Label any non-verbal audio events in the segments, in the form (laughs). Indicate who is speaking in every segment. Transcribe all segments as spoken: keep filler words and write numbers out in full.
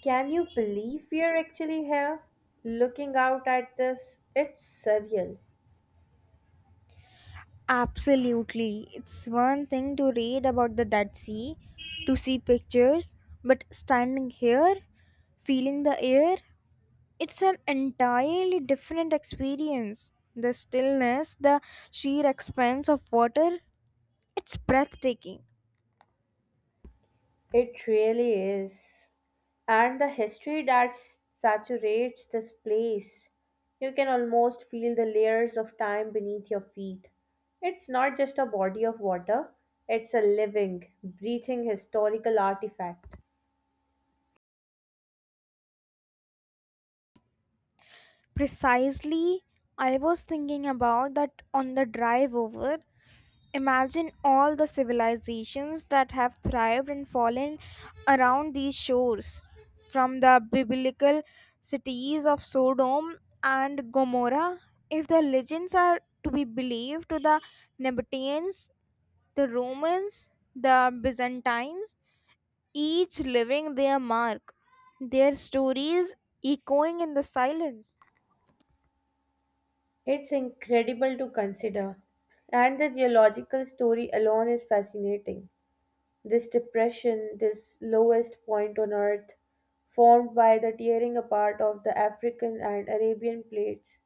Speaker 1: Can you believe we are actually here? Looking out at this, it's surreal.
Speaker 2: Absolutely. It's one thing to read about the Dead Sea, to see pictures, but standing here, feeling the air, it's an entirely different experience. The stillness, the sheer expanse of water, it's breathtaking.
Speaker 1: It really is. And the history that s- saturates this place. You can almost feel the layers of time beneath your feet. It's not just a body of water, it's a living, breathing historical artifact.
Speaker 2: Precisely, I was thinking about that on the drive over. Imagine all the civilizations that have thrived and fallen around these shores, from the biblical cities of Sodom and Gomorrah. If the legends are to be believed, to the Nabateans, the Romans, the Byzantines, each leaving their mark, their stories echoing in the silence.
Speaker 1: It's incredible to consider. And the geological story alone is fascinating. This depression, this lowest point on Earth, formed by the tearing apart of the African and Arabian plates,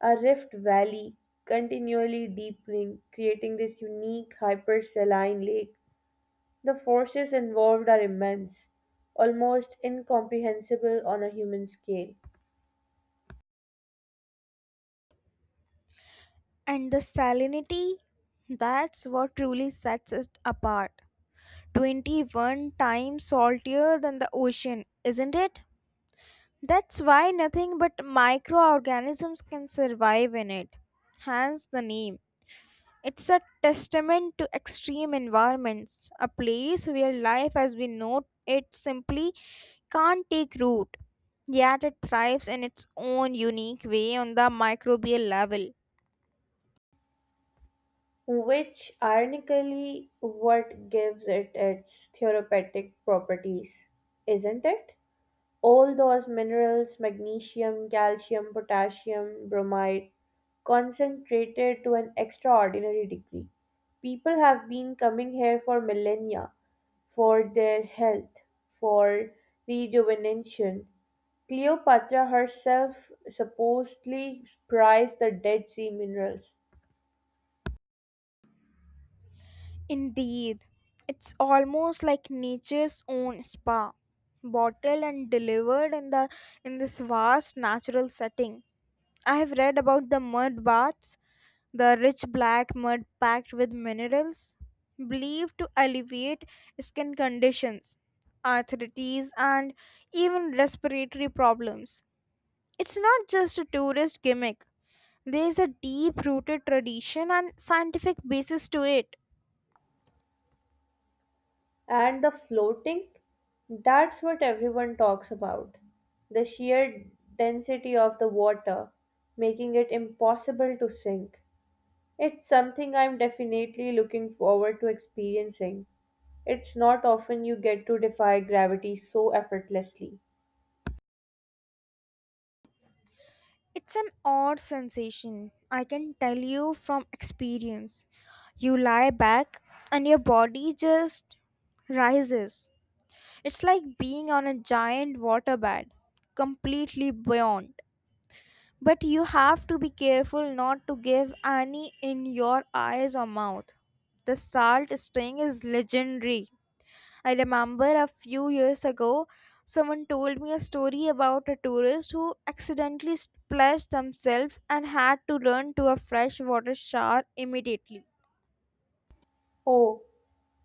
Speaker 1: a rift valley continually deepening, creating this unique hypersaline lake. The forces involved are immense, almost incomprehensible on a human scale,
Speaker 2: And the salinity, that's what truly sets it apart twenty-one times saltier than the ocean, isn't it? That's why nothing but microorganisms can survive in it. Hence the name. It's a testament to extreme environments, a place where life as we know it simply can't take root. Yet it thrives in its own unique way on the microbial level.
Speaker 1: which ironically what gives it its therapeutic properties, isn't it? All those minerals magnesium, calcium, potassium, bromide concentrated to an extraordinary degree. People have been coming here for millennia for their health, for rejuvenation. Cleopatra herself supposedly prized the Dead Sea minerals.
Speaker 2: Indeed, it's almost like nature's own spa, bottled and delivered in the in this vast natural setting. I have read about the mud baths, the rich black mud packed with minerals, believed to alleviate skin conditions, arthritis, and even respiratory problems. It's not just a tourist gimmick. There is a deep-rooted tradition and scientific basis to it.
Speaker 1: And the floating, that's what everyone talks about. The sheer density of the water, making it impossible to sink. It's something I'm definitely looking forward to experiencing. It's not often you get to defy gravity so effortlessly.
Speaker 2: It's an odd sensation, I can tell you from experience. You lie back and your body just rises. It's like being on a giant waterbed, completely beyond. But you have to be careful not to give any in your eyes or mouth. The salt sting is legendary. I remember a few years ago, someone told me a story about a tourist who accidentally splashed themselves and had to run to a freshwater shower immediately.
Speaker 1: Oh,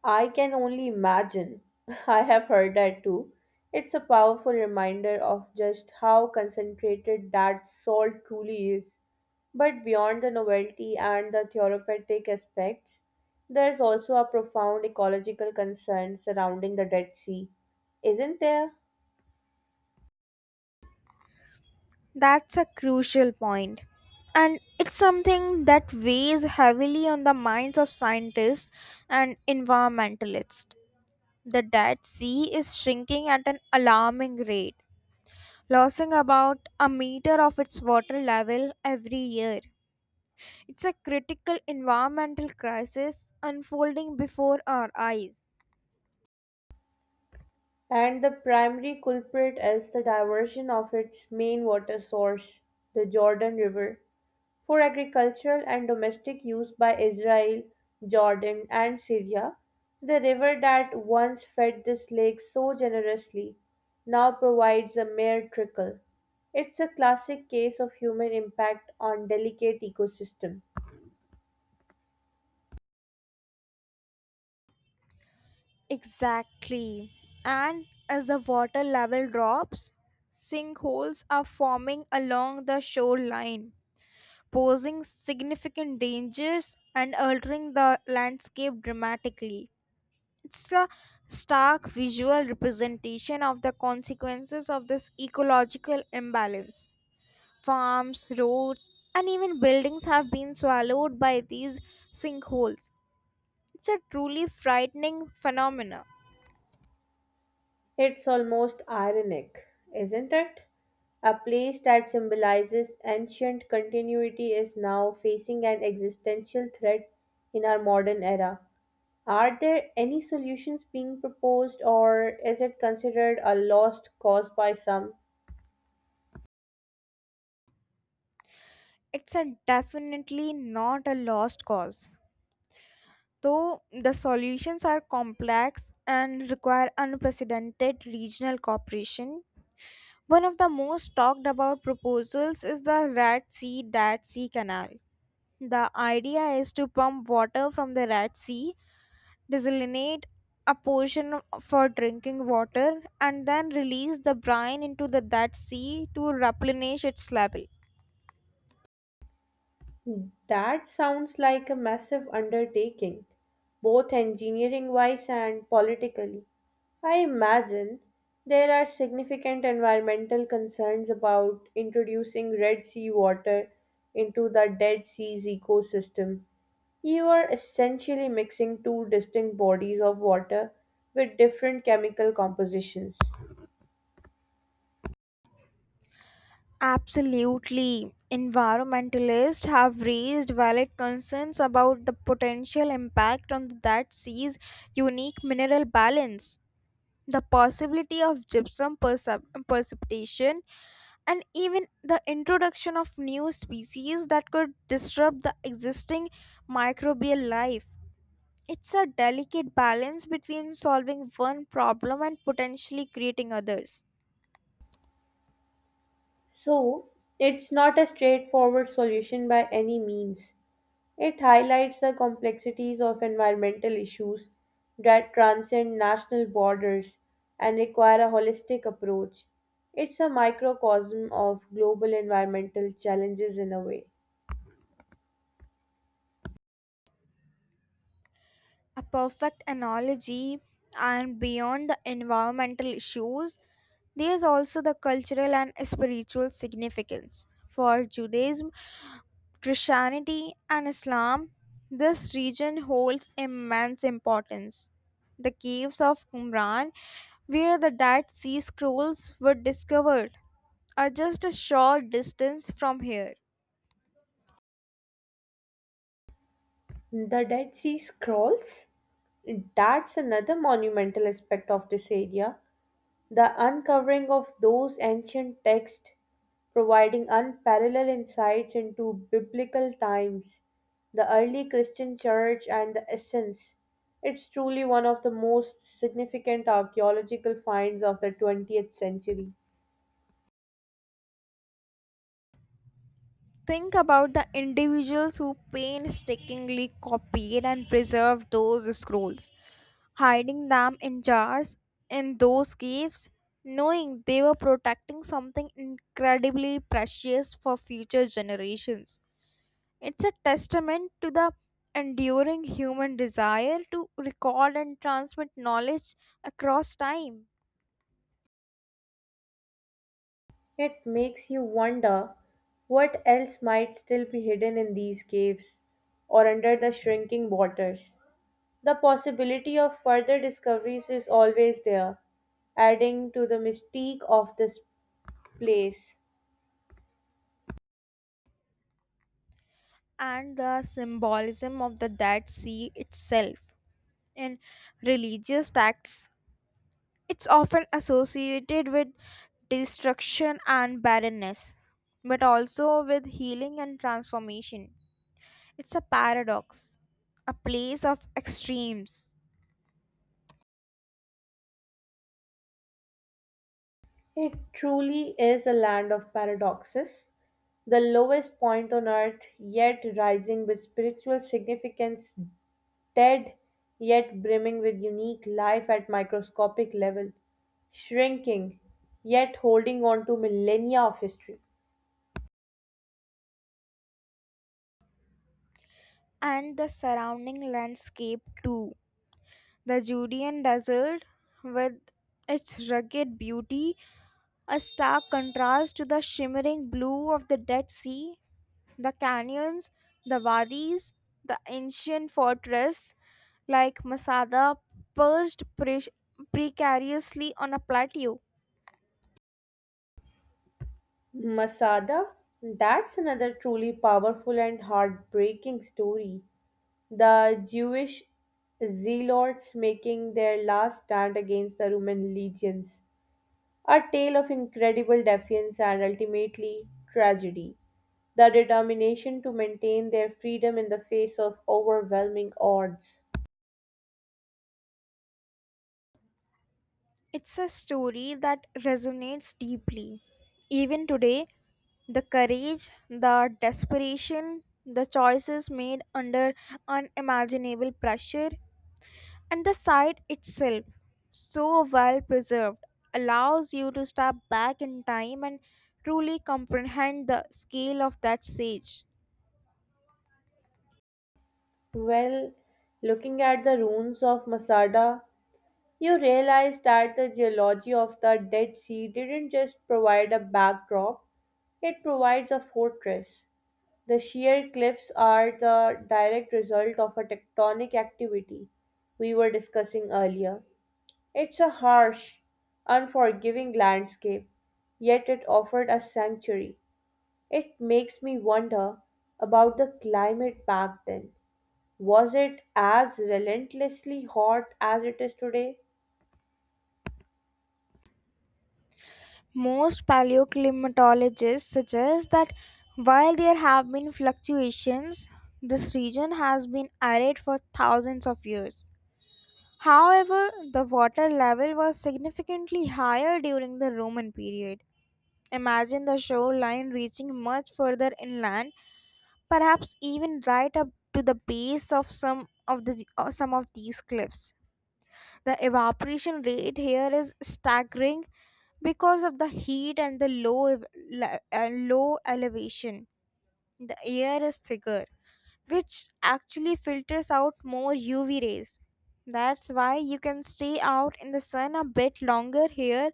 Speaker 1: I can only imagine. (laughs) I have heard that too. It's a powerful reminder of just how concentrated that salt truly is. But beyond the novelty and the therapeutic aspects, there's also a profound ecological concern surrounding the Dead Sea, isn't there?
Speaker 2: That's a crucial point. And it's something that weighs heavily on the minds of scientists and environmentalists. The Dead Sea is shrinking at an alarming rate, losing about a meter of its water level every year. It's a critical environmental crisis unfolding before our eyes.
Speaker 1: And the primary culprit is the diversion of its main water source, the Jordan River, for agricultural and domestic use by Israel, Jordan, and Syria. The river that once fed this lake so generously now provides a mere trickle. It's a classic case of human impact on delicate ecosystem.
Speaker 2: Exactly. And as the water level drops, sinkholes are forming along the shoreline, posing significant dangers and altering the landscape dramatically. It's a stark visual representation of the consequences of this ecological imbalance. Farms, roads, and even buildings have been swallowed by these sinkholes. It's a truly frightening phenomenon.
Speaker 1: It's almost ironic, isn't it? A place that symbolizes ancient continuity is now facing an existential threat in our modern era. Are there any solutions being proposed, or is it considered a lost cause by some?
Speaker 2: It's a definitely not a lost cause. Though the solutions are complex and require unprecedented regional cooperation, one of the most talked about proposals is the Red Sea Dead Sea Canal. The idea is to pump water from the Red Sea desalinate a portion for drinking water, and then release the brine into the that sea to replenish its level.
Speaker 1: That sounds like a massive undertaking, both engineering wise and politically. I imagine there are significant environmental concerns about introducing Red Sea water into the Dead Sea's ecosystem. You are essentially mixing two distinct bodies of water with different chemical compositions.
Speaker 2: Absolutely. Environmentalists have raised valid concerns about the potential impact on that sea's unique mineral balance, the possibility of gypsum percep- precipitation, and even the introduction of new species that could disrupt the existing microbial life. It's a delicate balance between solving one problem and potentially creating others.
Speaker 1: So, it's not a straightforward solution by any means. It highlights the complexities of environmental issues that transcend national borders and require a holistic approach. It's a microcosm of global environmental challenges in a way.
Speaker 2: A perfect analogy, and beyond the environmental issues, there is also the cultural and spiritual significance for Judaism, Christianity and Islam. This region holds immense importance. The caves of Qumran, where the Dead Sea scrolls were discovered, are just a short distance from here.
Speaker 1: The Dead Sea Scrolls? That's another monumental aspect of this area. The uncovering of those ancient texts providing unparalleled insights into biblical times, the early Christian church and the essence. It's truly one of the most significant archaeological finds of the twentieth century.
Speaker 2: Think about the individuals who painstakingly copied and preserved those scrolls, hiding them in jars in those caves, knowing they were protecting something incredibly precious for future generations. It's a testament to the enduring human desire to record and transmit knowledge across time.
Speaker 1: It makes you wonder what else might still be hidden in these caves or under the shrinking waters. The possibility of further discoveries is always there, adding to the mystique of this place.
Speaker 2: And the symbolism of the Dead Sea itself. In religious texts, it's often associated with destruction and barrenness, but also with healing and transformation. It's a paradox, a place of extremes,
Speaker 1: It truly is a land of paradoxes, the lowest point on earth, yet rising with spiritual significance dead yet brimming with unique life at microscopic level, shrinking yet holding on to millennia of history.
Speaker 2: and the surrounding landscape too. The Judean desert, with its rugged beauty, a stark contrast to the shimmering blue of the Dead Sea, the canyons, the wadis, the ancient fortress like Masada perched pre- precariously on a plateau.
Speaker 1: Masada, that's another truly powerful and heartbreaking story. The Jewish zealots making their last stand against the Roman legions. A tale of incredible defiance and ultimately tragedy. The determination to maintain their freedom in the face of overwhelming odds.
Speaker 2: It's a story that resonates deeply. Even today, the courage, the desperation, the choices made under unimaginable pressure. And the site itself, so well preserved, allows you to step back in time and truly comprehend the scale of that siege.
Speaker 1: Well, looking at the ruins of Masada, you realize that the geology of the Dead Sea didn't just provide a backdrop, it provides a fortress. The sheer cliffs are the direct result of a tectonic activity we were discussing earlier. It's a harsh, unforgiving landscape, yet it offered a sanctuary. It makes me wonder about the climate back then, was it as relentlessly hot as it is today?
Speaker 2: Most paleoclimatologists suggest that while there have been fluctuations, this region has been arid for thousands of years. However, the water level was significantly higher during the Roman period. Imagine the shoreline reaching much further inland, perhaps even right up to the base of some of the or some of these cliffs. The evaporation rate here is staggering because of the heat and the low ev- le- uh, low elevation. The air is thicker, which actually filters out more U V rays. That's why you can stay out in the sun a bit longer here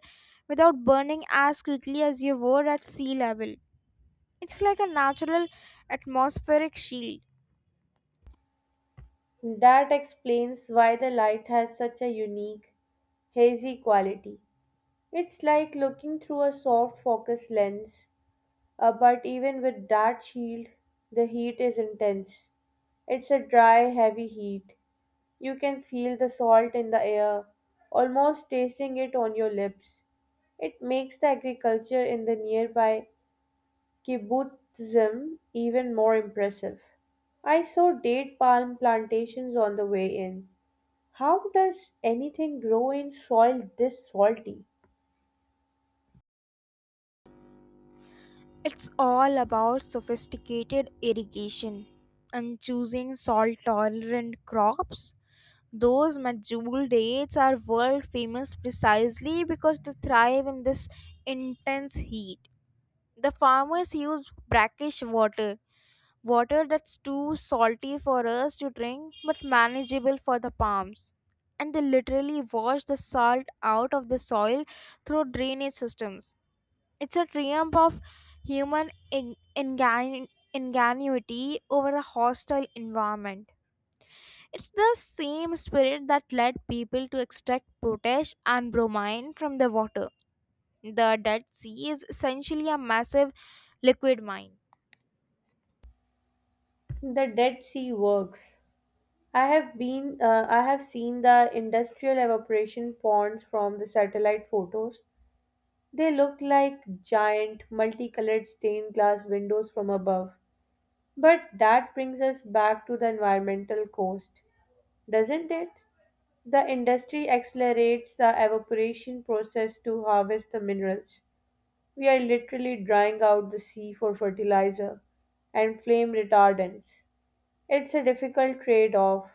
Speaker 2: without burning as quickly as you would at sea level. It's like a natural atmospheric shield.
Speaker 1: That explains why the light has such a unique, hazy quality. It's like looking through a soft focus lens, uh, but even with that shield, the heat is intense. It's a dry, heavy heat. You can feel the salt in the air, almost tasting it on your lips. It makes the agriculture in the nearby kibbutzim even more impressive. I saw date palm plantations on the way in. How does anything grow in soil this salty?
Speaker 2: It's all about sophisticated irrigation and choosing salt tolerant crops. Those medjool dates are world famous precisely because they thrive in this intense heat. The farmers use brackish water, water that's too salty for us to drink but manageable for the palms. And they literally wash the salt out of the soil through drainage systems. It's a triumph of human in- ingan- ingenuity over a hostile environment. It's the same spirit that led people to extract potash and bromine from the water. The Dead Sea is essentially a massive liquid mine.
Speaker 1: The Dead Sea works. I have been uh, I have seen the industrial evaporation ponds from the satellite photos. They look like giant multicolored stained glass windows from above. But that brings us back to the environmental cost, doesn't it? The industry accelerates the evaporation process to harvest the minerals. We are literally drying out the sea for fertilizer and flame retardants. It's a difficult trade off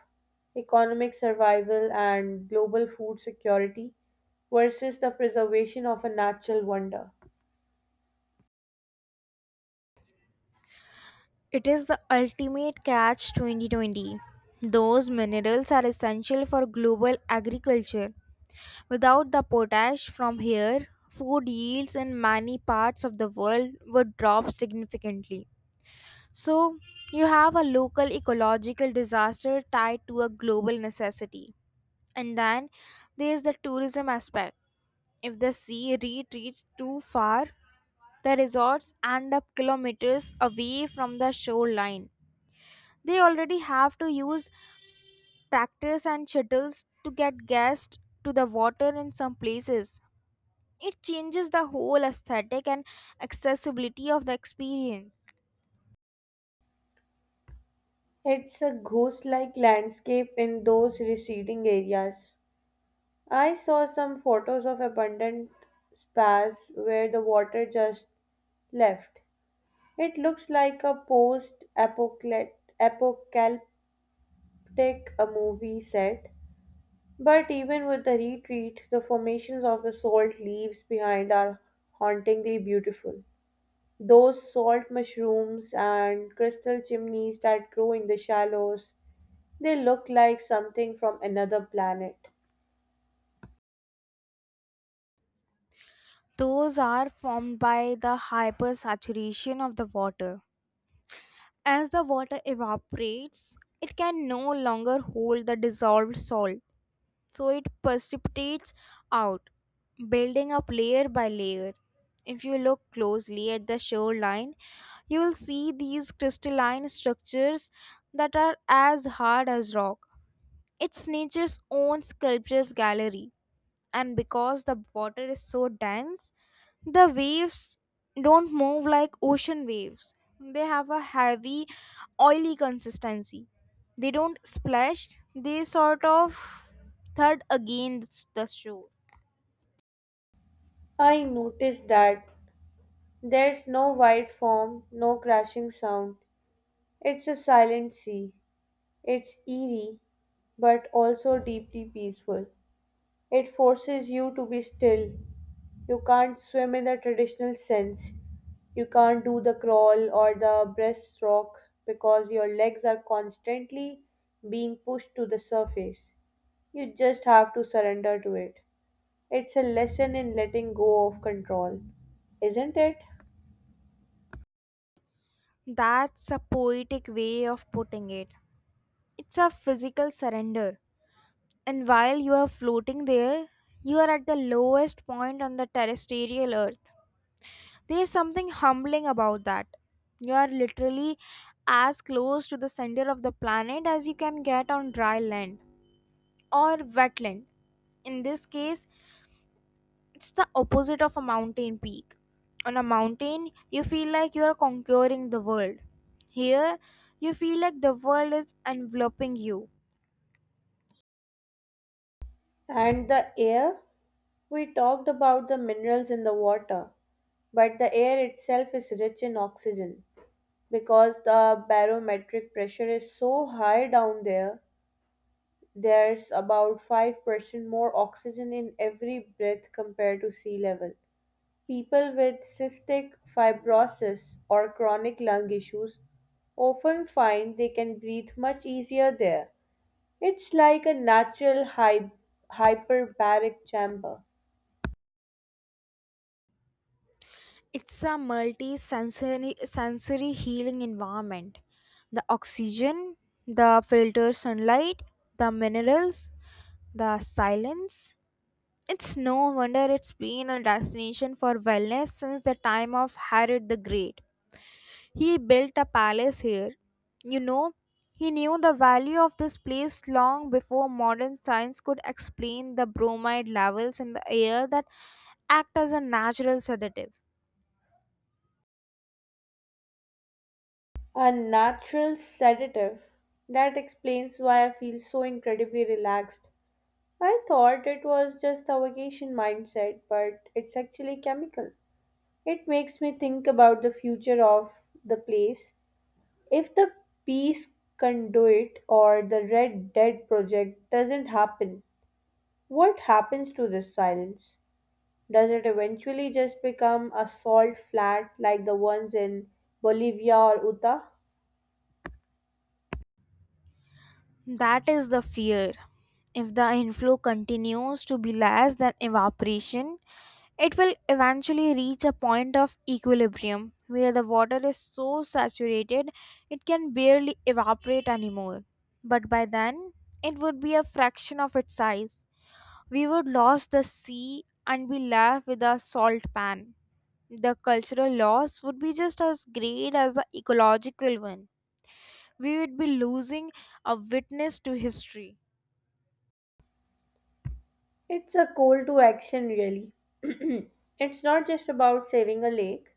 Speaker 1: economic survival and global food security versus the preservation of a natural wonder.
Speaker 2: It is the ultimate catch twenty twenty. Those minerals are essential for global agriculture. Without the potash from here, food yields in many parts of the world would drop significantly. So, you have a local ecological disaster tied to a global necessity. And then there is the tourism aspect. If the sea retreats too far, the resorts end up kilometers away from the shoreline. They already have to use tractors and shuttles to get gas to the water in some places. It changes the whole aesthetic and accessibility of the experience.
Speaker 1: It's a ghost like landscape in those receding areas. I saw some photos of abundant spas where the water just left. It looks like a post apocalyptic take a movie set. But even with the retreat, the formations of the salt leaves behind are hauntingly beautiful. Those salt mushrooms and crystal chimneys that grow in the shallows, they look like something from another planet.
Speaker 2: Those are formed by the hypersaturation of the water. As the water evaporates, it can no longer hold the dissolved salt, so it precipitates out, building up layer by layer. If you look closely at the shoreline, you will see these crystalline structures that are as hard as rock. It's nature's own sculptures gallery, and because the water is so dense, the waves don't move like ocean waves. They have a heavy, oily consistency. They don't splash, they sort of thud against the shore.
Speaker 1: I noticed that there's no white foam, no crashing sound. It's a silent sea. It's eerie, but also deeply peaceful. It forces you to be still. You can't swim in the traditional sense. You can't do the crawl or the breaststroke because your legs are constantly being pushed to the surface. You just have to surrender to it. It's a lesson in letting go of control, isn't it?
Speaker 2: That's a poetic way of putting it. It's a physical surrender, and while you are floating there, you are at the lowest point on the terrestrial earth. There's something humbling about that. You are literally as close to the center of the planet as you can get on dry land, or wetland. In this case, it's the opposite of a mountain peak. On a mountain, you feel like you are conquering the world. Here, you feel like the world is enveloping you.
Speaker 1: And the air? We talked about the minerals in the water, but the air itself is rich in oxygen, because the barometric pressure is so high down there. There's about five percent more oxygen in every breath compared to sea level. People with cystic fibrosis or chronic lung issues often find they can breathe much easier there. It's like a natural hy- hyperbaric chamber,
Speaker 2: It's a multi sensory sensory healing environment. The oxygen, the filtered sunlight, the minerals, the silence? It's no wonder it's been a destination for wellness since the time of Herod the Great. He built a palace here. You know, he knew the value of this place long before modern science could explain the bromide levels in the air that act as a natural sedative.
Speaker 1: a natural sedative. That explains why I feel so incredibly relaxed. I thought it was just a vacation mindset, but it's actually chemical. It makes me think about the future of the place. If the peace conduit or the Red Dead project doesn't happen, what happens to this silence? Does it eventually just become a salt flat like the ones in Bolivia or Utah?
Speaker 2: That is the fear. If the inflow continues to be less than evaporation, it will eventually reach a point of equilibrium where the water is so saturated it can barely evaporate anymore. But by then, it would be a fraction of its size. We would lose the sea and be left with a salt pan. The cultural loss would be just as great as the ecological one. We would be losing a witness to history.
Speaker 1: It's a call to action, really. (clears throat) It's not just about saving a lake,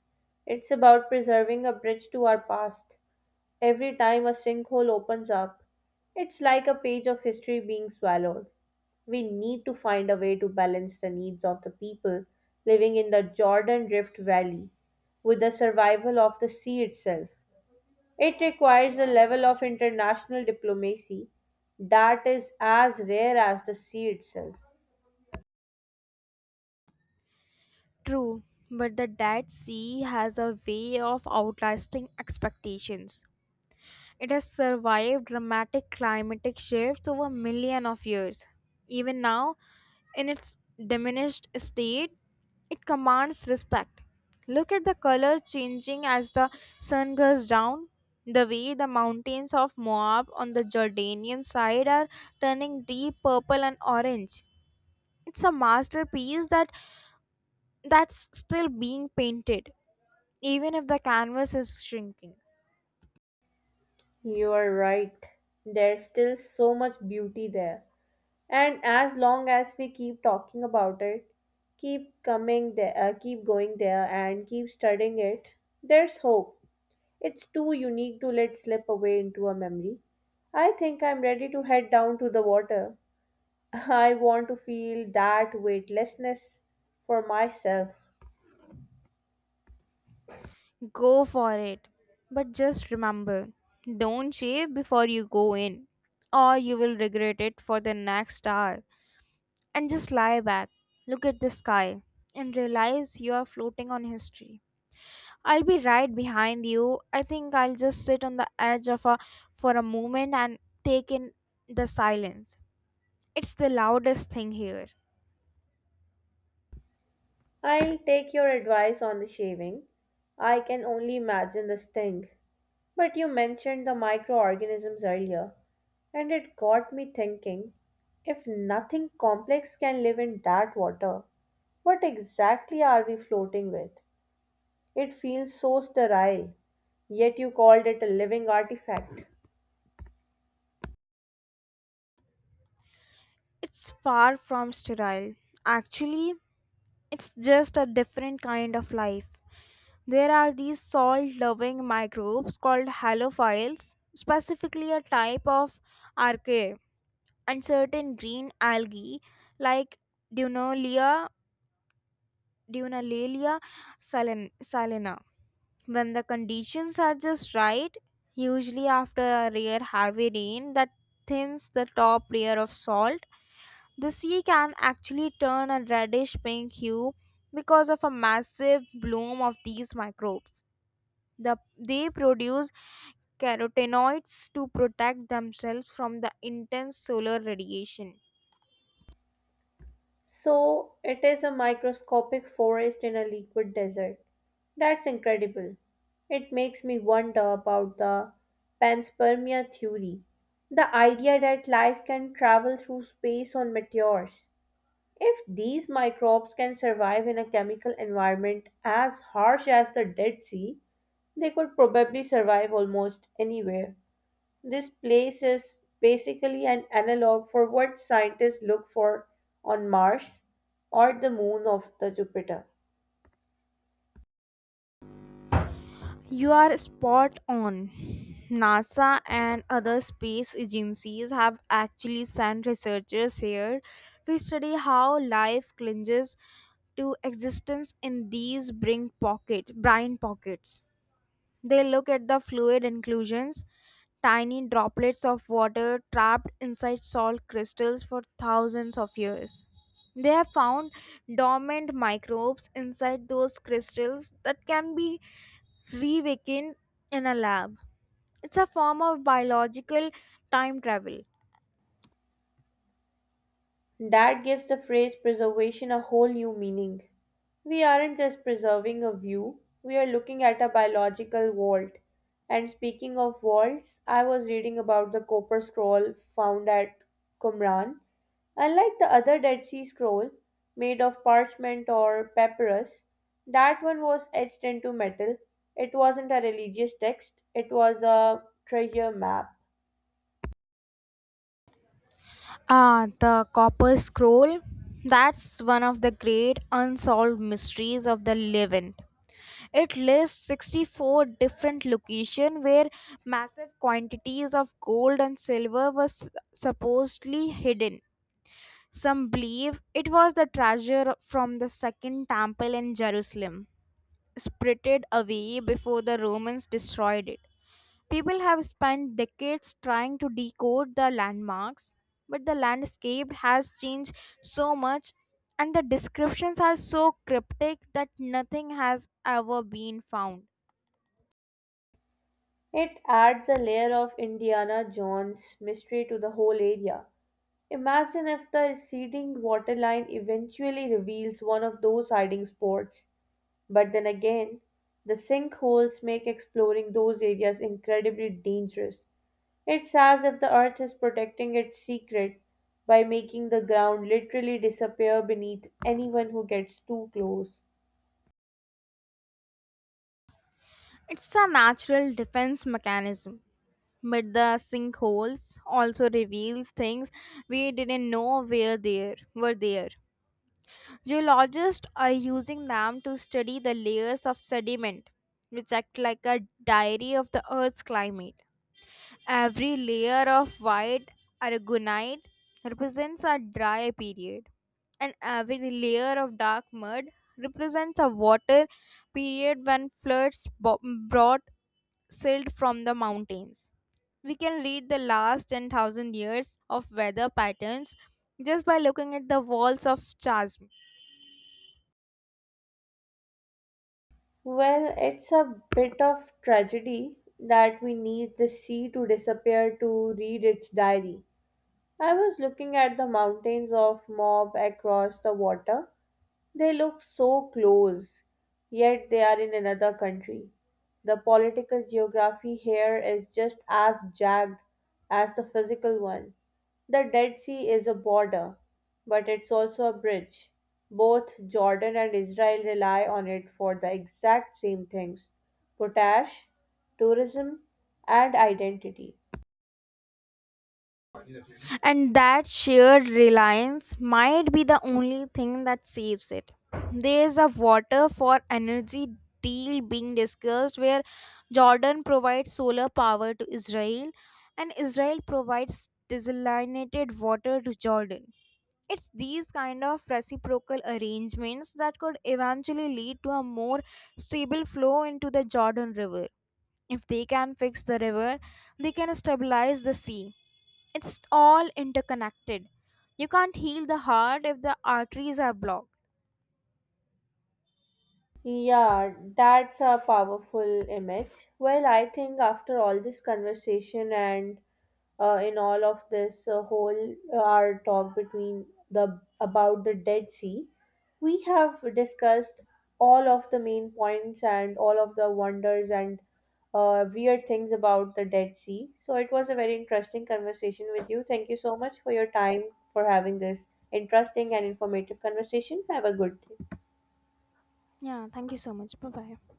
Speaker 1: it's about preserving a bridge to our past. Every time a sinkhole opens up, it's like a page of history being swallowed. We need to find a way to balance the needs of the people living in the Jordan Rift Valley with the survival of the sea itself. It requires a level of international diplomacy that is as rare as the sea itself.
Speaker 2: True, but the Dead Sea has a way of outlasting expectations. It has survived dramatic climatic shifts over millions of years. Even now, in its diminished state, it commands respect. Look at the colors changing as the sun goes down. The way the mountains of Moab on the Jordanian side are turning deep purple and orange. It's a masterpiece that that's still being painted, even if the canvas is shrinking.
Speaker 1: You are right. There's still so much beauty there. And as long as we keep talking about it, keep coming there, uh, keep going there, and keep studying it, there's hope. It's too unique to let slip away into a memory. I think I'm ready to head down to the water. (laughs) I want to feel that weightlessness for myself.
Speaker 2: Go for it. But just remember, don't shave before you go in, or you will regret it for the next hour. And just lie back, look at the sky, and realize you are floating on history. I'll be right behind you. I think I'll just sit on the edge of a for a moment and take in the silence. It's the loudest thing here.
Speaker 1: I take your advice on the shaving. I can only imagine the sting. But you mentioned the microorganisms earlier, and it got me thinking, if nothing complex can live in that water, what exactly are we floating with? It feels so sterile, yet you called it a living artifact.
Speaker 2: It's far from sterile. Actually, it's just a different kind of life. There are these salt loving microbes called halophiles, specifically a type of archaea, and certain green algae like Dunolia, Dunalalia salin- salina, when the conditions are just right, usually after a rare heavy rain that thins the top layer of salt, the sea can actually turn a reddish pink hue because of a massive bloom of these microbes. The, they produce carotenoids to protect themselves from the intense solar radiation.
Speaker 1: So, it is a microscopic forest in a liquid desert. That's incredible. It makes me wonder about the panspermia theory, the idea that life can travel through space on meteors. If these microbes can survive in a chemical environment as harsh as the Dead Sea, they could probably survive almost anywhere. This place is basically an analog for what scientists look for on Mars or the moon of the Jupiter.
Speaker 2: You are spot on. NASA and other space agencies have actually sent researchers here to study how life clinges to existence in these brain pocket brine pockets. They look at the fluid inclusions, tiny droplets of water trapped inside salt crystals for thousands of years. They have found dormant microbes inside those crystals that can be reawaken in a lab. It's a form of biological time travel.
Speaker 1: That gives the phrase preservation a whole new meaning. We aren't just preserving a view, we are looking at a biological vault. And speaking of vaults, I was reading about the copper scroll found at Qumran. Unlike the other Dead Sea Scroll, made of parchment or papyrus, that one was etched into metal. It wasn't a religious text, it was a treasure map.
Speaker 2: Ah, the Copper Scroll. That's one of the great unsolved mysteries of the Levant. It lists sixty-four different locations where massive quantities of gold and silver were s- supposedly hidden. Some believe it was the treasure from the Second Temple in Jerusalem, spirited away before the Romans destroyed it. People have spent decades trying to decode the landmarks, but the landscape has changed so much and the descriptions are so cryptic that nothing has ever been found.
Speaker 1: It adds a layer of Indiana Jones mystery to the whole area. Imagine if the receding waterline eventually reveals one of those hiding spots. But then again, the sinkholes make exploring those areas incredibly dangerous. It's as if the earth is protecting its secret by making the ground literally disappear beneath anyone who gets too close.
Speaker 2: It's a natural defense mechanism, but the sinkholes also reveals things we didn't know were there were there. Geologists are using them to study the layers of sediment, which act like a diary of the Earth's climate. Every layer of white aragonite represents a dry period, and every layer of dark mud represents a water period when floods bo- brought silt from the mountains. We can read the last ten thousand years of weather patterns just by looking at the walls of chasms.
Speaker 1: Well, it's a bit of tragedy that we need the sea to disappear to read its diary. I was looking at the mountains of Mob across the water, they look so close, yet they are in another country. The political geography here is just as jagged as the physical one. The Dead Sea is a border, but it's also a bridge. Both Jordan and Israel rely on it for the exact same things potash, tourism, and identity.
Speaker 2: And that shared reliance might be the only thing that saves it. There is a water for energy deal being discussed where Jordan provides solar power to Israel and Israel provides desalinated water to Jordan. It's these kind of reciprocal arrangements that could eventually lead to a more stable flow into the Jordan River. If they can fix the river, they can stabilize the sea. It's all interconnected. You can't heal the heart if the arteries are blocked.
Speaker 1: Yeah, that's a powerful image. Well, I think after all this conversation and uh, in all of this uh, whole uh, our talk between the about the Dead Sea, we have discussed all of the main points and all of the wonders and uh, weird things about the Dead Sea. So it was a very interesting conversation with you. Thank you so much for your time for having this interesting and informative conversation. Have a good day.
Speaker 2: Yeah, thank you so much. Bye bye.